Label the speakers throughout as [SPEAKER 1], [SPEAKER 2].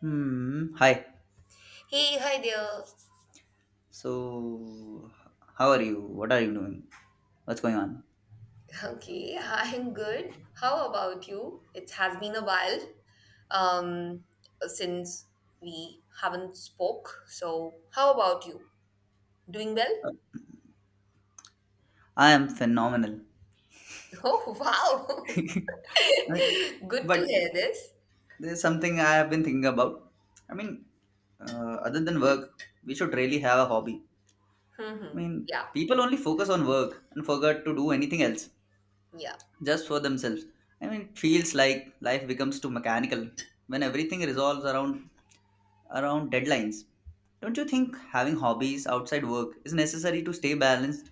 [SPEAKER 1] Hmm. Hi.
[SPEAKER 2] Hey, hi there.
[SPEAKER 1] So, how are you? What are you doing? What's going on?
[SPEAKER 2] Okay, I'm good. How about you? It has been a while um, since we haven't spoke. So, how about you? Doing well?
[SPEAKER 1] I am phenomenal.
[SPEAKER 2] Oh,
[SPEAKER 1] I
[SPEAKER 2] wow.
[SPEAKER 1] mean,
[SPEAKER 2] Good to
[SPEAKER 1] but
[SPEAKER 2] hear this.
[SPEAKER 1] there's something I have been thinking about. I mean, Other than work, we should really have a hobby.
[SPEAKER 2] Hmm, hmm. Yeah,
[SPEAKER 1] People only focus on work and forget to do anything else
[SPEAKER 2] yeah.
[SPEAKER 1] just for themselves. It feels like life becomes too mechanical when everything resolves around deadlines. Don't you think having hobbies outside work is necessary to stay balanced?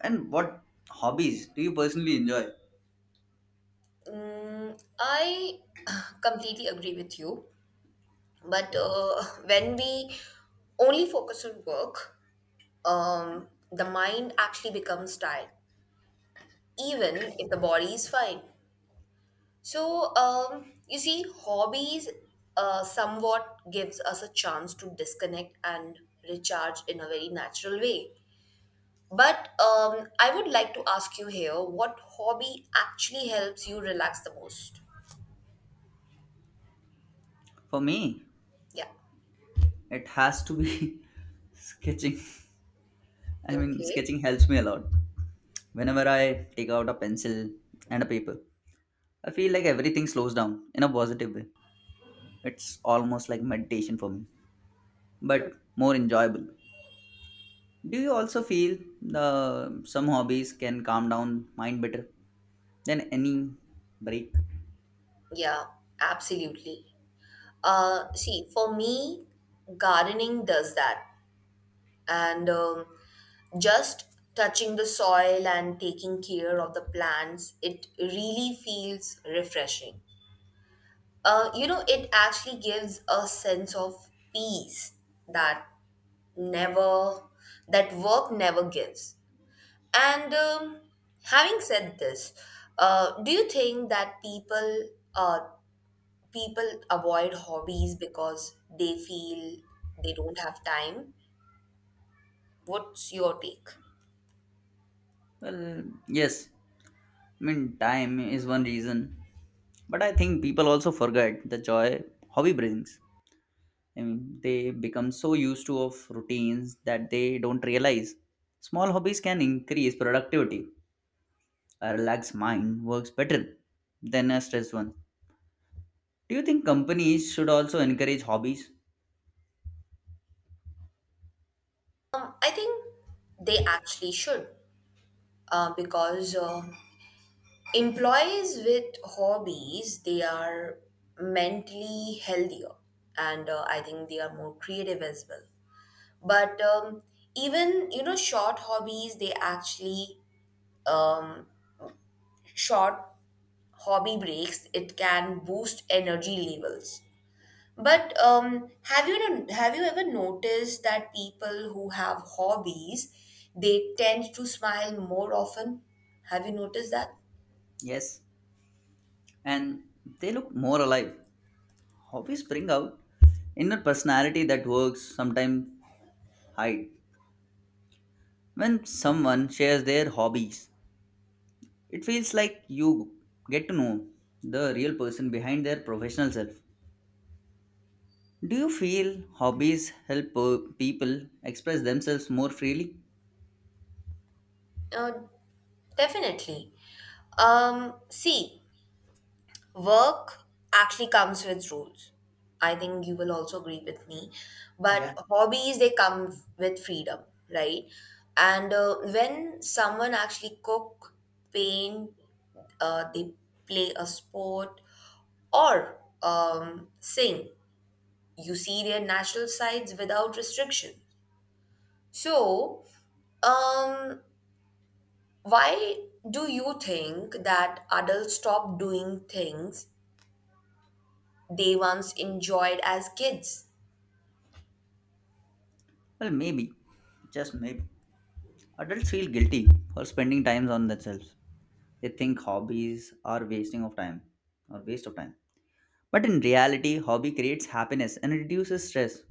[SPEAKER 1] And what hobbies do you personally enjoy?
[SPEAKER 2] I completely agree with you. But when we only focus on work, the mind actually becomes tired even if the body is fine. So, you see, hobbies somewhat gives us a chance to disconnect and recharge in a very natural way. But I would like to ask you here, what hobby actually helps you relax the most?
[SPEAKER 1] For me,
[SPEAKER 2] Yeah.
[SPEAKER 1] it has to be sketching.
[SPEAKER 2] Okay.
[SPEAKER 1] Sketching helps me a lot. Whenever I take out a pencil and a paper, I feel like everything slows down in a positive way. It's almost like meditation for me, but more enjoyable. Do you also feel the some hobbies can calm down mind better than any break?
[SPEAKER 2] Yeah, absolutely. See, for me, gardening does that. And just touching the soil and taking care of the plants it really feels refreshing. Uh, you know it actually gives a sense of peace that never that work never gives. And having said this, do you think that people avoid hobbies because they feel they don't have time? What's your take?
[SPEAKER 1] Well, yes, time is one reason, but I think people also forget the joy hobby brings. They become so used to of routines that they don't realize. Small hobbies can increase productivity. A relaxed mind works better than a stressed one. Do you think companies should also encourage hobbies?
[SPEAKER 2] I think they actually should, because employees with hobbies they are mentally healthier, and I think they are more creative as well. But even you know, short hobbies they actually um, short hobby breaks it can boost energy levels. But have you no- have you ever noticed that people who have hobbies, they tend to smile more often? Have you noticed that?
[SPEAKER 1] Yes, and they look more alive. Hobbies bring out inner personality that works sometimes hide when someone shares their hobbies. It feels like you get to know the real person behind their professional self. Do you feel hobbies help people express themselves more freely?
[SPEAKER 2] Uh, definitely. See, work actually comes with rules. I think you will also agree with me. But
[SPEAKER 1] Yeah.
[SPEAKER 2] hobbies, they with freedom, right? And when someone actually cook, paint, they play a sport or saying you see their natural sides without restriction. So, um, why do you think that adults stop doing things they once enjoyed as kids?
[SPEAKER 1] Well, maybe, just maybe. Adults feel guilty for spending time on themselves. They think hobbies are wasting of time or waste of time. But in reality, hobby creates happiness and reduces stress.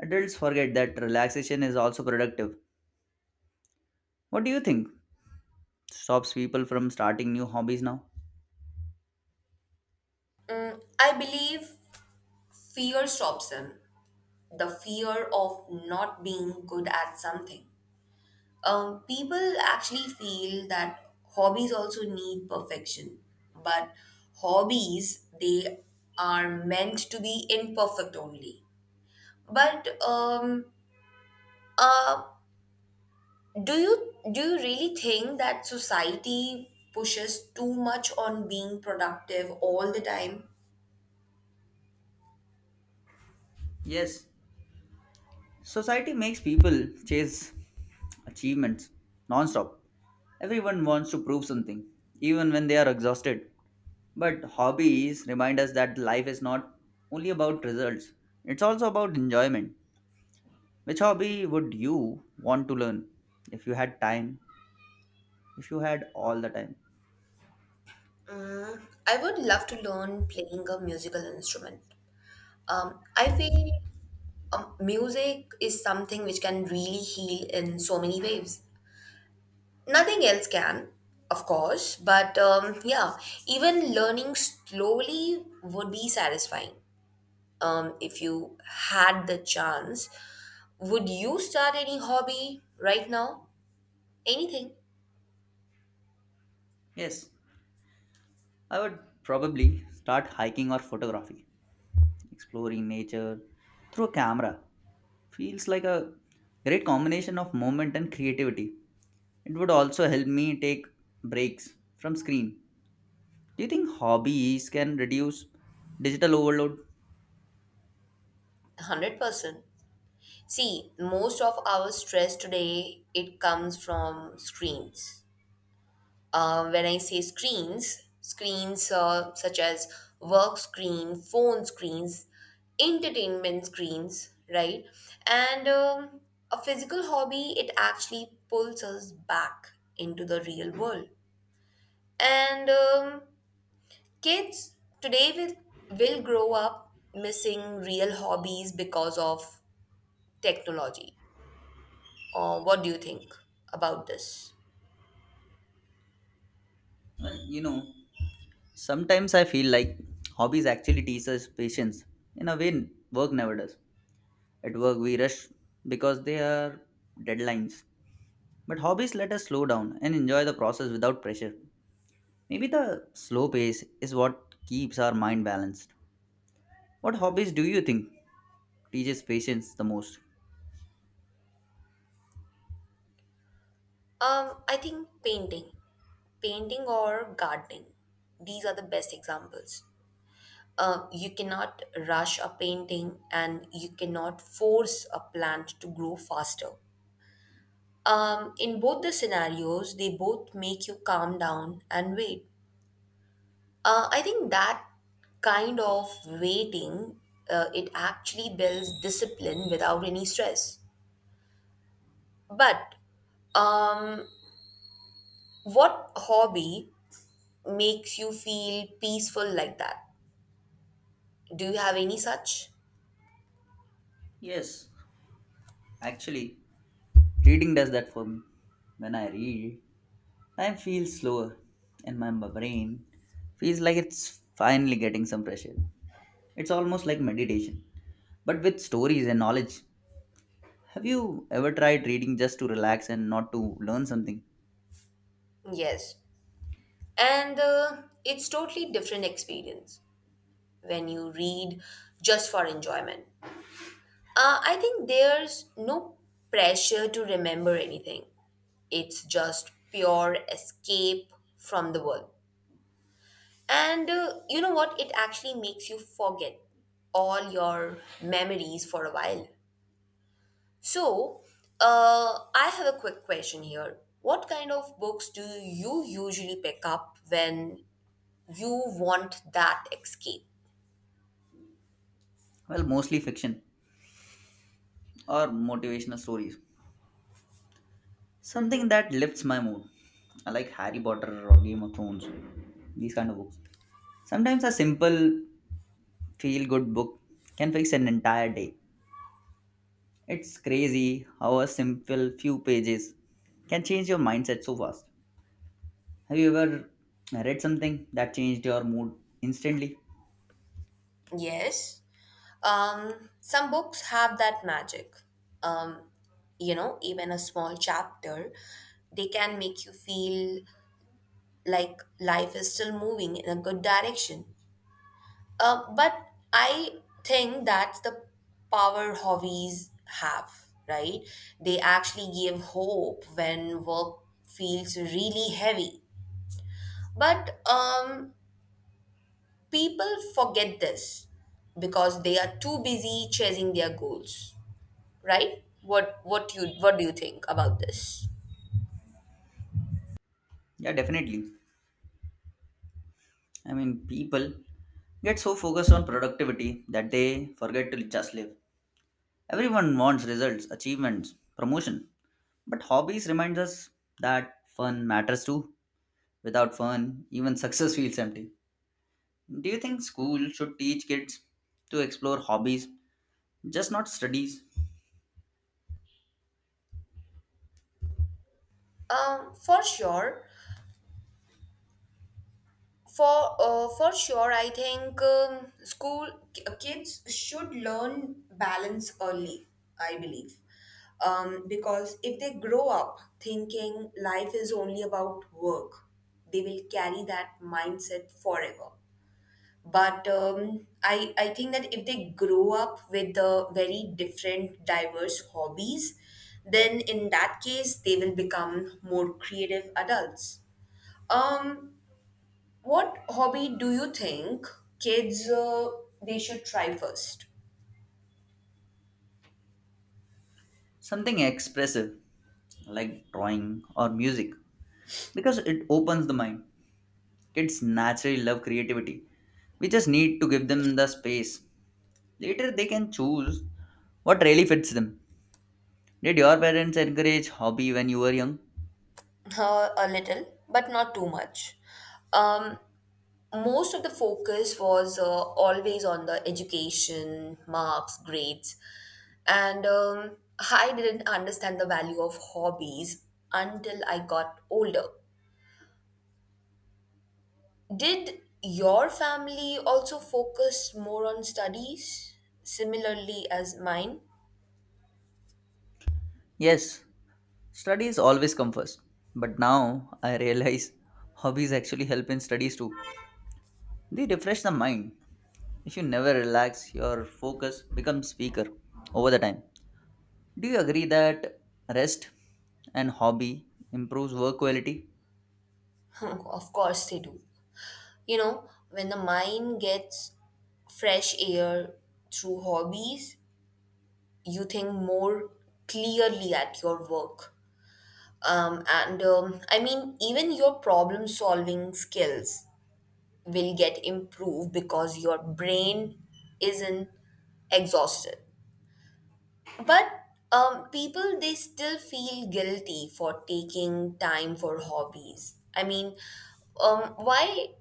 [SPEAKER 1] Adults forget that relaxation is also productive. What do you think stops people from starting new hobbies now?
[SPEAKER 2] I believe fear stops them. The fear of not being good at something. People actually feel that hobbies also need perfection, but hobbies they are meant to be imperfect only. But uh do you really think that society pushes too much on being productive all the time?
[SPEAKER 1] Yes, society makes people chase achievements non-stop. Everyone wants to prove something, even when they are exhausted. But hobbies remind us that life is not only about results, it's also about enjoyment. Which hobby would you want to learn if you had time, if you had all the time?
[SPEAKER 2] I would love to learn playing a musical instrument. I feel music is something which can really heal in so many ways. Nothing else can, of course, but yeah, even learning slowly would be satisfying. If you had the chance, would you start any hobby right now? Anything?
[SPEAKER 1] Yes, I would probably start hiking or photography, exploring nature through a camera. Feels like a great combination of movement and creativity. It would also help me take breaks from screen. Do you think hobbies can reduce digital overload?
[SPEAKER 2] 100%. See, most of our stress today, it comes from screens. When I say screens such as work screen, phone screens, entertainment screens, right? And a physical hobby, it actually pulls us back into the real world. And kids today will grow up missing real hobbies because of technology. What do you think about this?
[SPEAKER 1] Well, you know, sometimes I feel like hobbies actually teach us patience in a way work never does. At work, we rush because they are deadlines. But hobbies let us slow down and enjoy the process without pressure. Maybe the slow pace is what keeps our mind balanced. What hobbies do you think teaches patience the most?
[SPEAKER 2] I think painting. Painting or gardening. These are the best examples. You cannot rush a painting and you cannot force a plant to grow faster. In both the scenarios, they both make you calm down and wait. I think that kind of waiting, it actually builds discipline without any stress. But um, what hobby makes you feel peaceful like that? Do you have any such?
[SPEAKER 1] Yes, actually, reading does that for me. When I read, time feels slower and my brain feels like it's finally getting some pressure. It's almost like meditation, but with stories and knowledge. Have you ever tried reading just to relax and not to learn something?
[SPEAKER 2] Yes, and it's totally different experience when you read just for enjoyment. I think there's no pressure to remember anything. It's just pure escape from the world. And you know what? It actually makes you forget all your memories for a while. So, I have a quick question here. What kind of books do you usually pick up when you want that escape?
[SPEAKER 1] Well, mostly fiction or motivational stories. Something that lifts my mood. I like Harry Potter or Game of Thrones, these kind of books. Sometimes a simple feel good book can fix an entire day. It's crazy how a simple few pages can change your mindset so fast. Have you ever read something that changed your mood instantly?
[SPEAKER 2] Yes. Some books have that magic. You know, even a small chapter, they can make you feel like life is still moving in a good direction. But I think that's the power hobbies have, right? They actually give hope when work feels really heavy. But people forget this because they are too busy chasing their goals, right? What do you think about this?
[SPEAKER 1] Yeah, definitely. People get so focused on productivity that they forget to just live. Everyone wants results, achievements, promotion. But hobbies remind us that fun matters too. Without fun, even success feels empty. Do you think school should teach kids to explore hobbies, just not studies?
[SPEAKER 2] For sure. For sure, I think kids should learn balance early. I believe, because if they grow up thinking life is only about work, they will carry that mindset forever. But I think that if they grow up with very different, diverse hobbies, then in that case they will become more creative adults. Um, what hobby do you think kids they should try first?
[SPEAKER 1] Something expressive like drawing or music because it opens the mind. Kids naturally love creativity. We just need to give them the space. Later, they can choose what really fits them. Did your parents encourage hobby when you were young?
[SPEAKER 2] A little, but not too much. Um, most of the focus was always on the education, marks, grades, and I didn't understand the value of hobbies until I got older. Did your family also focus more on studies similarly as mine?
[SPEAKER 1] Yes, studies always come first. But now I realize hobbies actually help in studies too. They refresh the mind. If you never relax, your focus becomes weaker over the time. Do you agree that rest and hobby improves work quality?
[SPEAKER 2] Of course they do. You know, when the mind gets fresh air through hobbies, you think more clearly at your work. And I mean, even your problem solving skills will get improved because your brain isn't exhausted. But people, they still feel guilty for taking time for hobbies. I mean, um, why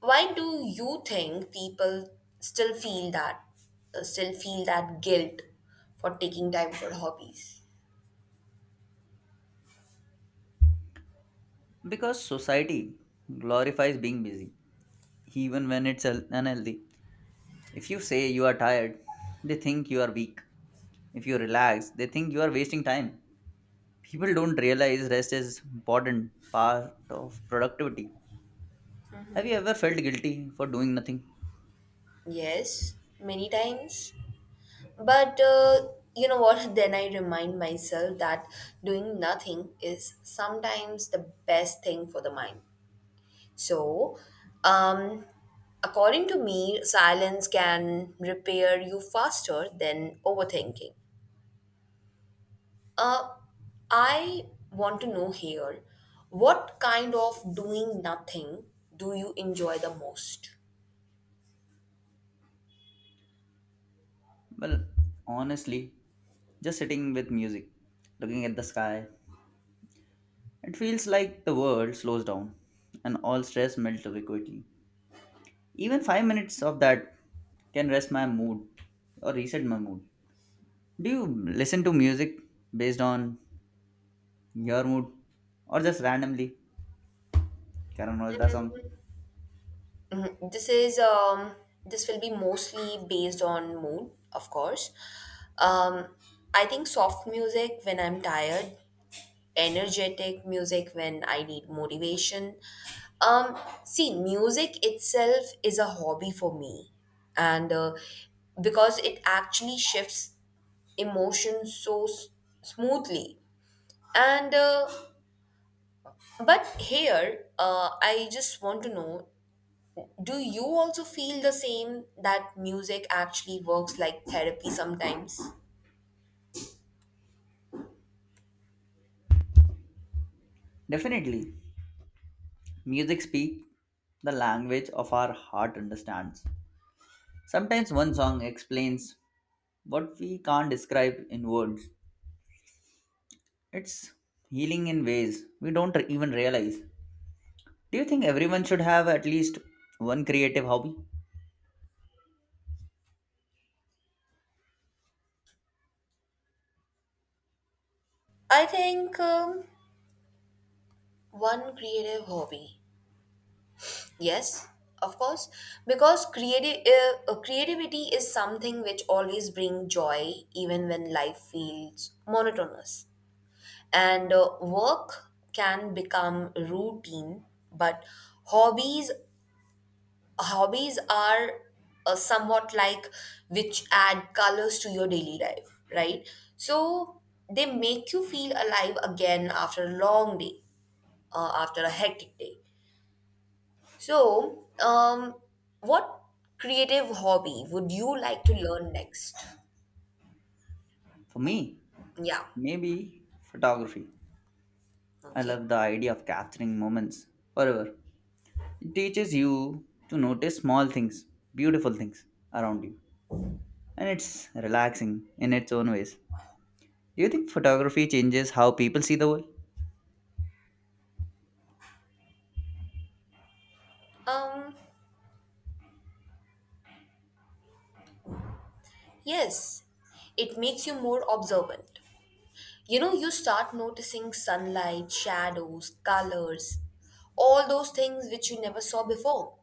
[SPEAKER 2] why do you think people still feel that still feel that guilt for taking time for hobbies?
[SPEAKER 1] Because society glorifies being busy, even when it's unhealthy. If you say you are tired, they think you are weak. If you relax, they think you are wasting time. People don't realize rest is important part of productivity. Have you ever felt guilty for doing nothing?
[SPEAKER 2] Yes, many times. But you know what? Then I remind myself that doing nothing is sometimes the best thing for the mind. So, um, according to me, silence can repair you faster than overthinking. Uh, I want to know here what kind of doing nothing do you enjoy the most?
[SPEAKER 1] Well, honestly, just sitting with music, looking at the sky, it feels like the world slows down and all stress melts away quickly. Even 5 minutes of that can rest my mood or reset my mood. Do you listen to music based on your mood or just randomly? Karan Rojda song.
[SPEAKER 2] Mhm. This is this will be mostly based on mood, of course. Um, I think soft music when I'm tired, energetic music when I need motivation. Um, see, music itself is a hobby for me, and because it actually shifts emotions smoothly. And but here, I just want to know, do you also feel the same that music actually works like therapy sometimes?
[SPEAKER 1] Definitely, music speaks the language of our heart understands. Sometimes one song explains what we can't describe in words. It's healing in ways we don't even realize. Do you think everyone should have at least one creative hobby?
[SPEAKER 2] I think one creative hobby. Yes, of course, because creative creativity is something which always brings joy even when life feels monotonous. And work can become routine, but hobbies hobbies are somewhat like which add colors to your daily life, right? So they make you feel alive again after a long day, after a hectic day. So, what creative hobby would you like to learn next?
[SPEAKER 1] For me,
[SPEAKER 2] Yeah,
[SPEAKER 1] maybe photography. I
[SPEAKER 2] okay.
[SPEAKER 1] love the idea of capturing moments forever. It teaches you to notice small things, beautiful things around you, and it's relaxing in its own ways. Do you think photography changes how people see the world?
[SPEAKER 2] Um, yes, it makes you more observant. You know, you start noticing sunlight, shadows, colors, all those things which you never saw before.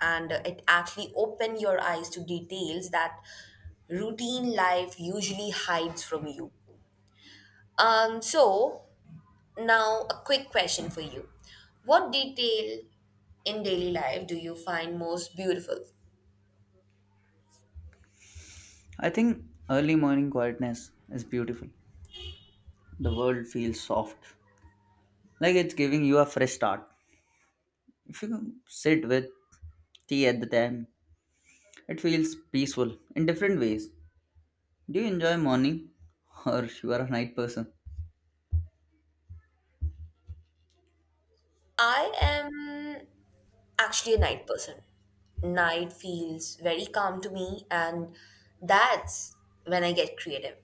[SPEAKER 2] And it actually open your eyes to details that routine life usually hides from you. So now a quick question for you. What detail in daily life do you find most beautiful?
[SPEAKER 1] I think early morning quietness is beautiful. The world feels soft, like it's giving you a fresh start. If you sit with tea at the time, it feels peaceful in different ways. Do you enjoy morning or you are a night person?
[SPEAKER 2] I am actually a night person. Night feels very calm to me, and that's when I get creative.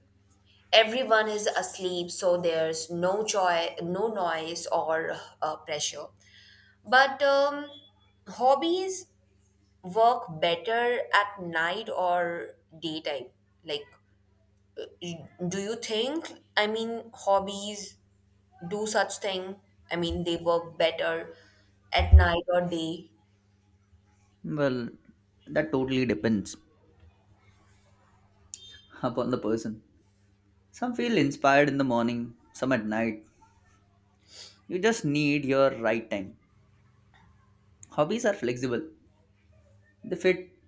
[SPEAKER 2] Everyone is asleep, so there's no joy, no noise or pressure. But hobbies work better at night or daytime. Like, do you think? I mean, hobbies do such thing. I mean, they work better at night or day.
[SPEAKER 1] Well, that totally depends upon the person. Some feel inspired in the morning, some at night. You just need your right time. Hobbies are flexible. They fit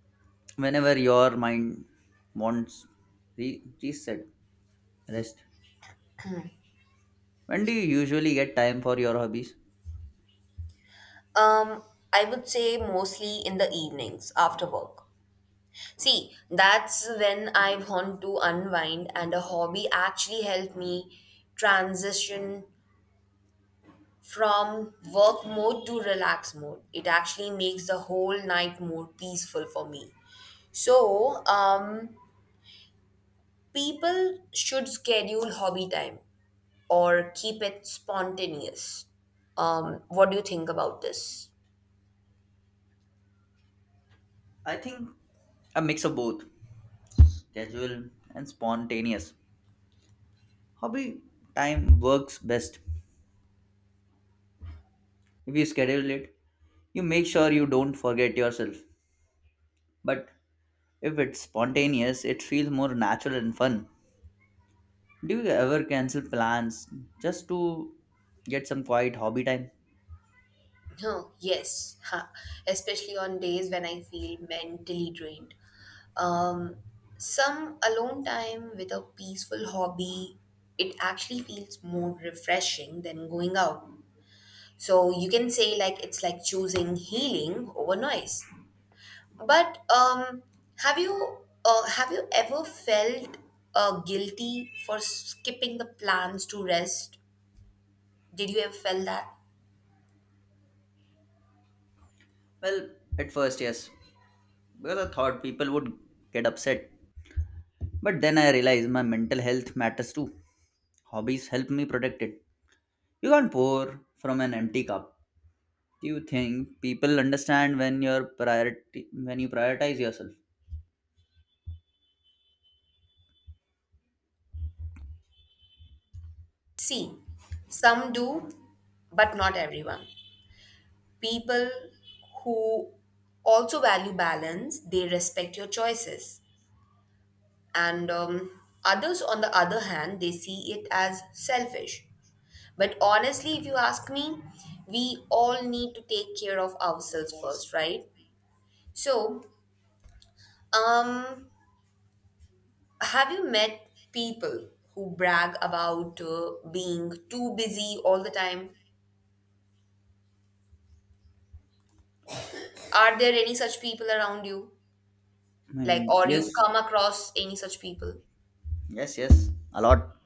[SPEAKER 1] whenever your mind wants reset, rest. When do you usually get time for your hobbies?
[SPEAKER 2] Um, I would say mostly in the evenings after work. See, that's when I want to unwind, and a hobby actually helped me transition from work mode to relax mode. It actually makes the whole night more peaceful for me. So, people should schedule hobby time or keep it spontaneous. What do you think about this?
[SPEAKER 1] I think a mix of both, schedule and spontaneous. Hobby time works best. If you schedule it, you make sure you don't forget yourself. But if it's spontaneous, it feels more natural and fun. Do you ever cancel plans just to get some quiet hobby time?
[SPEAKER 2] Oh, yes, ha, especially on days when I feel mentally drained. Um, some alone time with a peaceful hobby, it actually feels more refreshing than going out. So you can say like it's like choosing healing over noise. But have you ever felt guilty for skipping the plans to rest? Did you ever felt that?
[SPEAKER 1] Well, at first, yes, because I thought people would get upset. But then I realized my mental health matters too. Hobbies help me protect it. You can't pour from an empty cup. Do you think people understand when you're priority when you prioritize yourself?
[SPEAKER 2] See, some do, but not everyone. People who also value balance, they respect your choices. And others, on the other hand, they see it as selfish. But honestly, if you ask me, we all need to take care of ourselves first, right? So, um, have you met people who brag about being too busy all the time? Are there any such people around you?
[SPEAKER 1] I
[SPEAKER 2] Like
[SPEAKER 1] mean,
[SPEAKER 2] or you
[SPEAKER 1] yes,
[SPEAKER 2] come across any such people?
[SPEAKER 1] Yes, yes, a lot.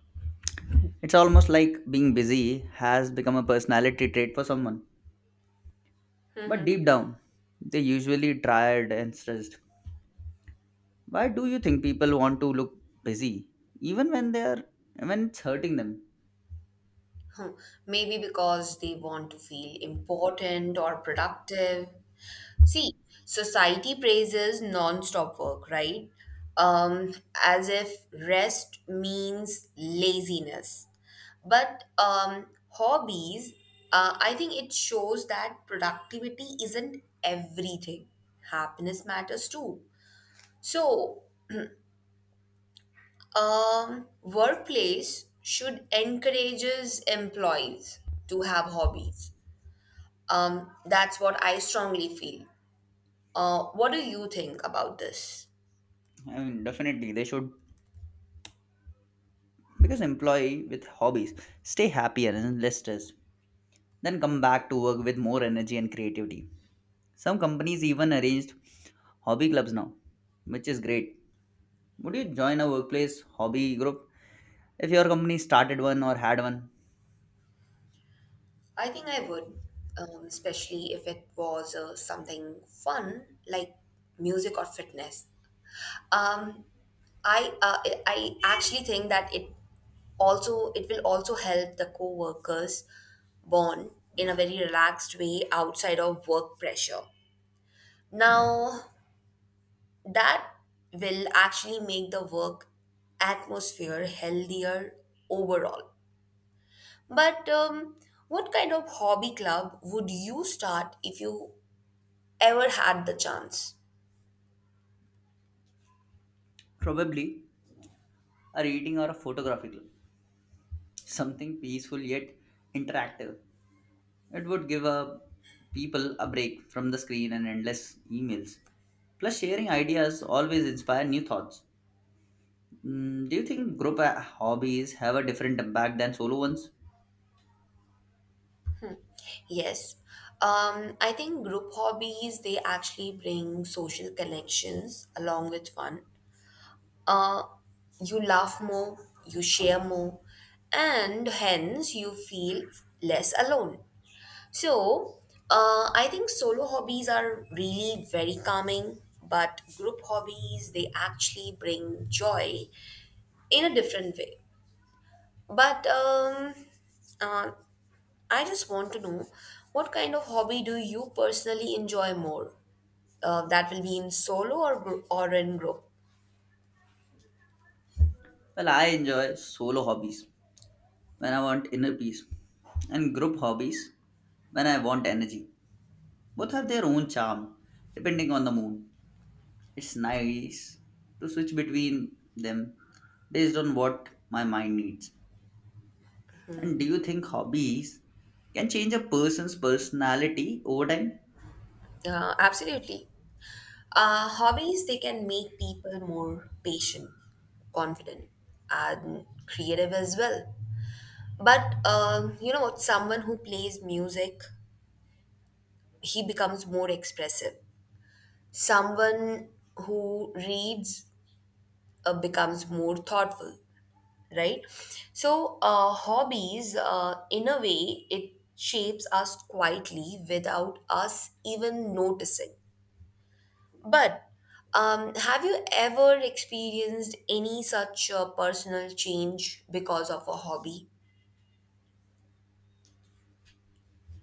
[SPEAKER 1] It's almost like being busy has become a personality trait for someone. But deep down, they're usually tired and stressed. Why do you think people want to look busy even when they're when it's hurting them?
[SPEAKER 2] Hmm, maybe because they want to feel important or productive. See, society praises non-stop work, right? um as if rest means laziness. But hobbies, I think it shows that productivity isn't everything, happiness matters too. So, workplace should encourages employees to have hobbies. That's what I strongly feel. What do you think about this?
[SPEAKER 1] Definitely they should because employee with hobbies stay happier and less stressed, then come back to work with more energy and creativity. Some companies even arranged hobby clubs now, which is great. Would you join a workplace hobby group? If your company started one or had one,
[SPEAKER 2] I think I would, especially if it was something fun like music or fitness. Um, I actually think that it will also help the co-workers bond in a very relaxed way outside of work pressure. Now, that will actually make the work atmosphere healthier overall. But what kind of hobby club would you start if you ever had the chance?
[SPEAKER 1] probably a reading or a photography club, something peaceful yet interactive. It would give a people a break from the screen and endless emails. Plus, sharing ideas always inspire new thoughts. Mm, do you think group hobbies have a different impact than solo ones?
[SPEAKER 2] Yes, I think group hobbies they actually bring social connections along with fun. Uh, you laugh more, you share more, and hence you feel less alone. So, I think solo hobbies are really very calming, but group hobbies, they actually bring joy in a different way. But uh, I just want to know, what kind of hobby do you personally enjoy more? That will be in solo or group or in group.
[SPEAKER 1] Well, I enjoy solo hobbies when I want inner peace, and group hobbies when I want energy. Both have their own charm, depending on the mood. It's nice to switch between them based on what my mind needs. And do you think hobbies can change a person's personality over time?
[SPEAKER 2] Absolutely. Hobbies, they can make people more patient, confident, and creative as well. But you know what? Someone who plays music, he becomes more expressive. Someone who reads becomes more thoughtful, right? So, hobbies, in a way, it shapes us quietly without us even noticing. But have you ever experienced any such personal change because of a hobby?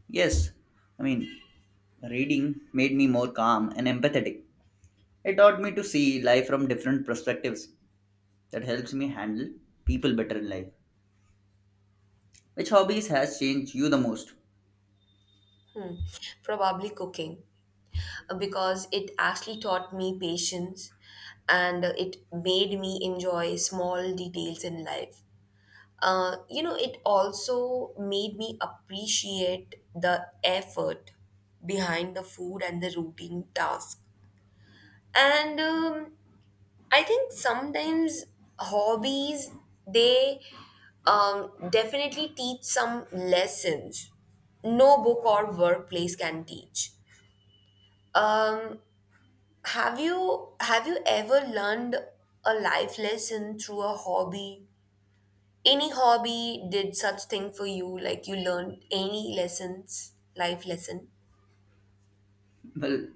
[SPEAKER 1] Yes. I mean, Reading made me more calm and empathetic. It taught me to see life from different perspectives that helps me handle people better in life. Which hobbies has changed you the most?
[SPEAKER 2] Hmm, probably cooking, because it actually taught me patience and it made me enjoy small details in life. You know, it also made me appreciate the effort behind the food and the routine task. And I think sometimes hobbies, they definitely teach some lessons no book or workplace can teach. Um, have you ever learned a life lesson through a hobby? Any hobby did such thing for you, like you learned any lessons, life lesson?
[SPEAKER 1] Well,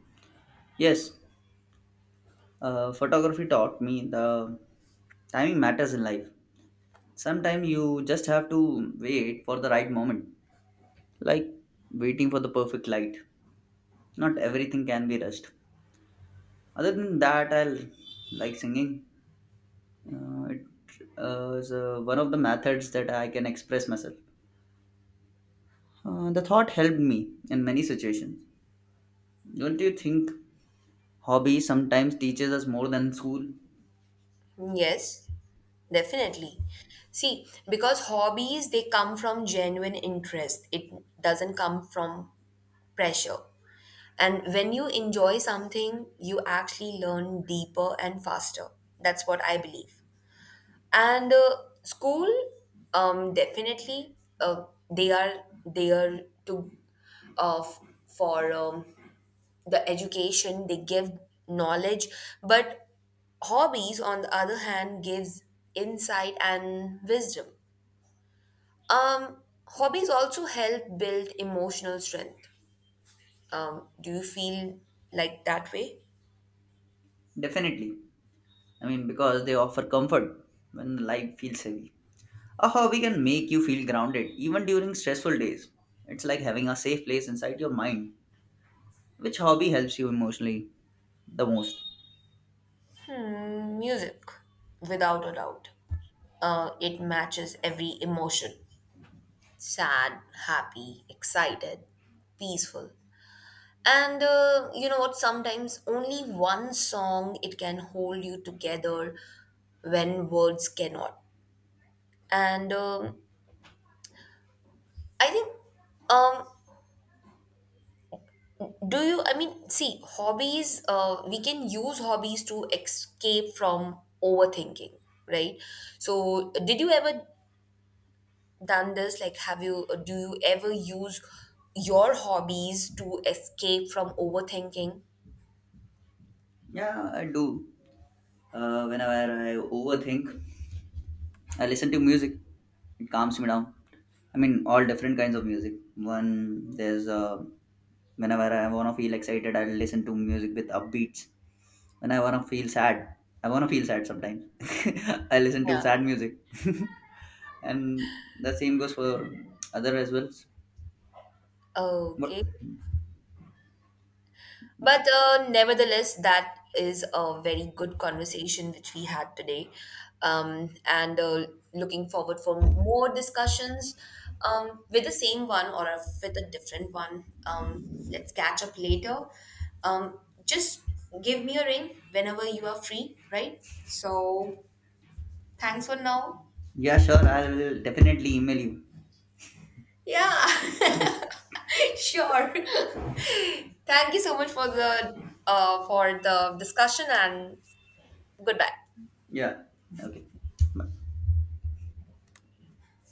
[SPEAKER 1] yes, photography taught me the timing matters in life. Sometimes you just have to wait for the right moment, like waiting for the perfect light. Not everything can be rushed. Other than that, I'll like singing. It is one of the methods that I can express myself. The thought helped me in many situations. Don't you think hobby sometimes teaches us more than school?
[SPEAKER 2] Yes, definitely. See, because hobbies they come from genuine interest. It doesn't come from pressure. And when you enjoy something, you actually learn deeper and faster. That's what I believe. And school definitely they are there to uh, f- for the education they give knowledge, but hobbies on the other hand gives insight and wisdom. um hobbies also help build emotional strength. Do you feel like that way?
[SPEAKER 1] Definitely. Because they offer comfort when life feels heavy. A hobby can make you feel grounded even during stressful days. It's like having a safe place inside your mind. Which hobby helps you emotionally the most?
[SPEAKER 2] Hmm, music without a doubt. Uh, it matches every emotion, sad, happy, excited, peaceful. And you know what? Sometimes only one song it can hold you together when words cannot. And I think, um, do you? I mean, see, hobbies. We can use hobbies to escape from overthinking, right? So, did you ever done this? Like, have you? Do you ever use your hobbies to escape from overthinking?
[SPEAKER 1] Yeah, I do. Whenever I overthink, I listen to music. It calms me down. I mean, all different kinds of music. One, there's Whenever I want to feel excited, I listen to music with upbeats. When I want to feel sad, I want to feel sad sometimes. I listen to
[SPEAKER 2] Yeah.
[SPEAKER 1] sad music. And the same goes for other as well, but
[SPEAKER 2] Okay. But nevertheless, that is a very good conversation which we had today. And looking forward for more discussions with the same one or with a different one. Let's catch up later. Um, just give me a ring whenever you are free, right? So thanks for now.
[SPEAKER 1] yeah, sure, I'll definitely email you.
[SPEAKER 2] Yeah, sure. Thank you so much for the discussion and goodbye.
[SPEAKER 1] Yeah, okay.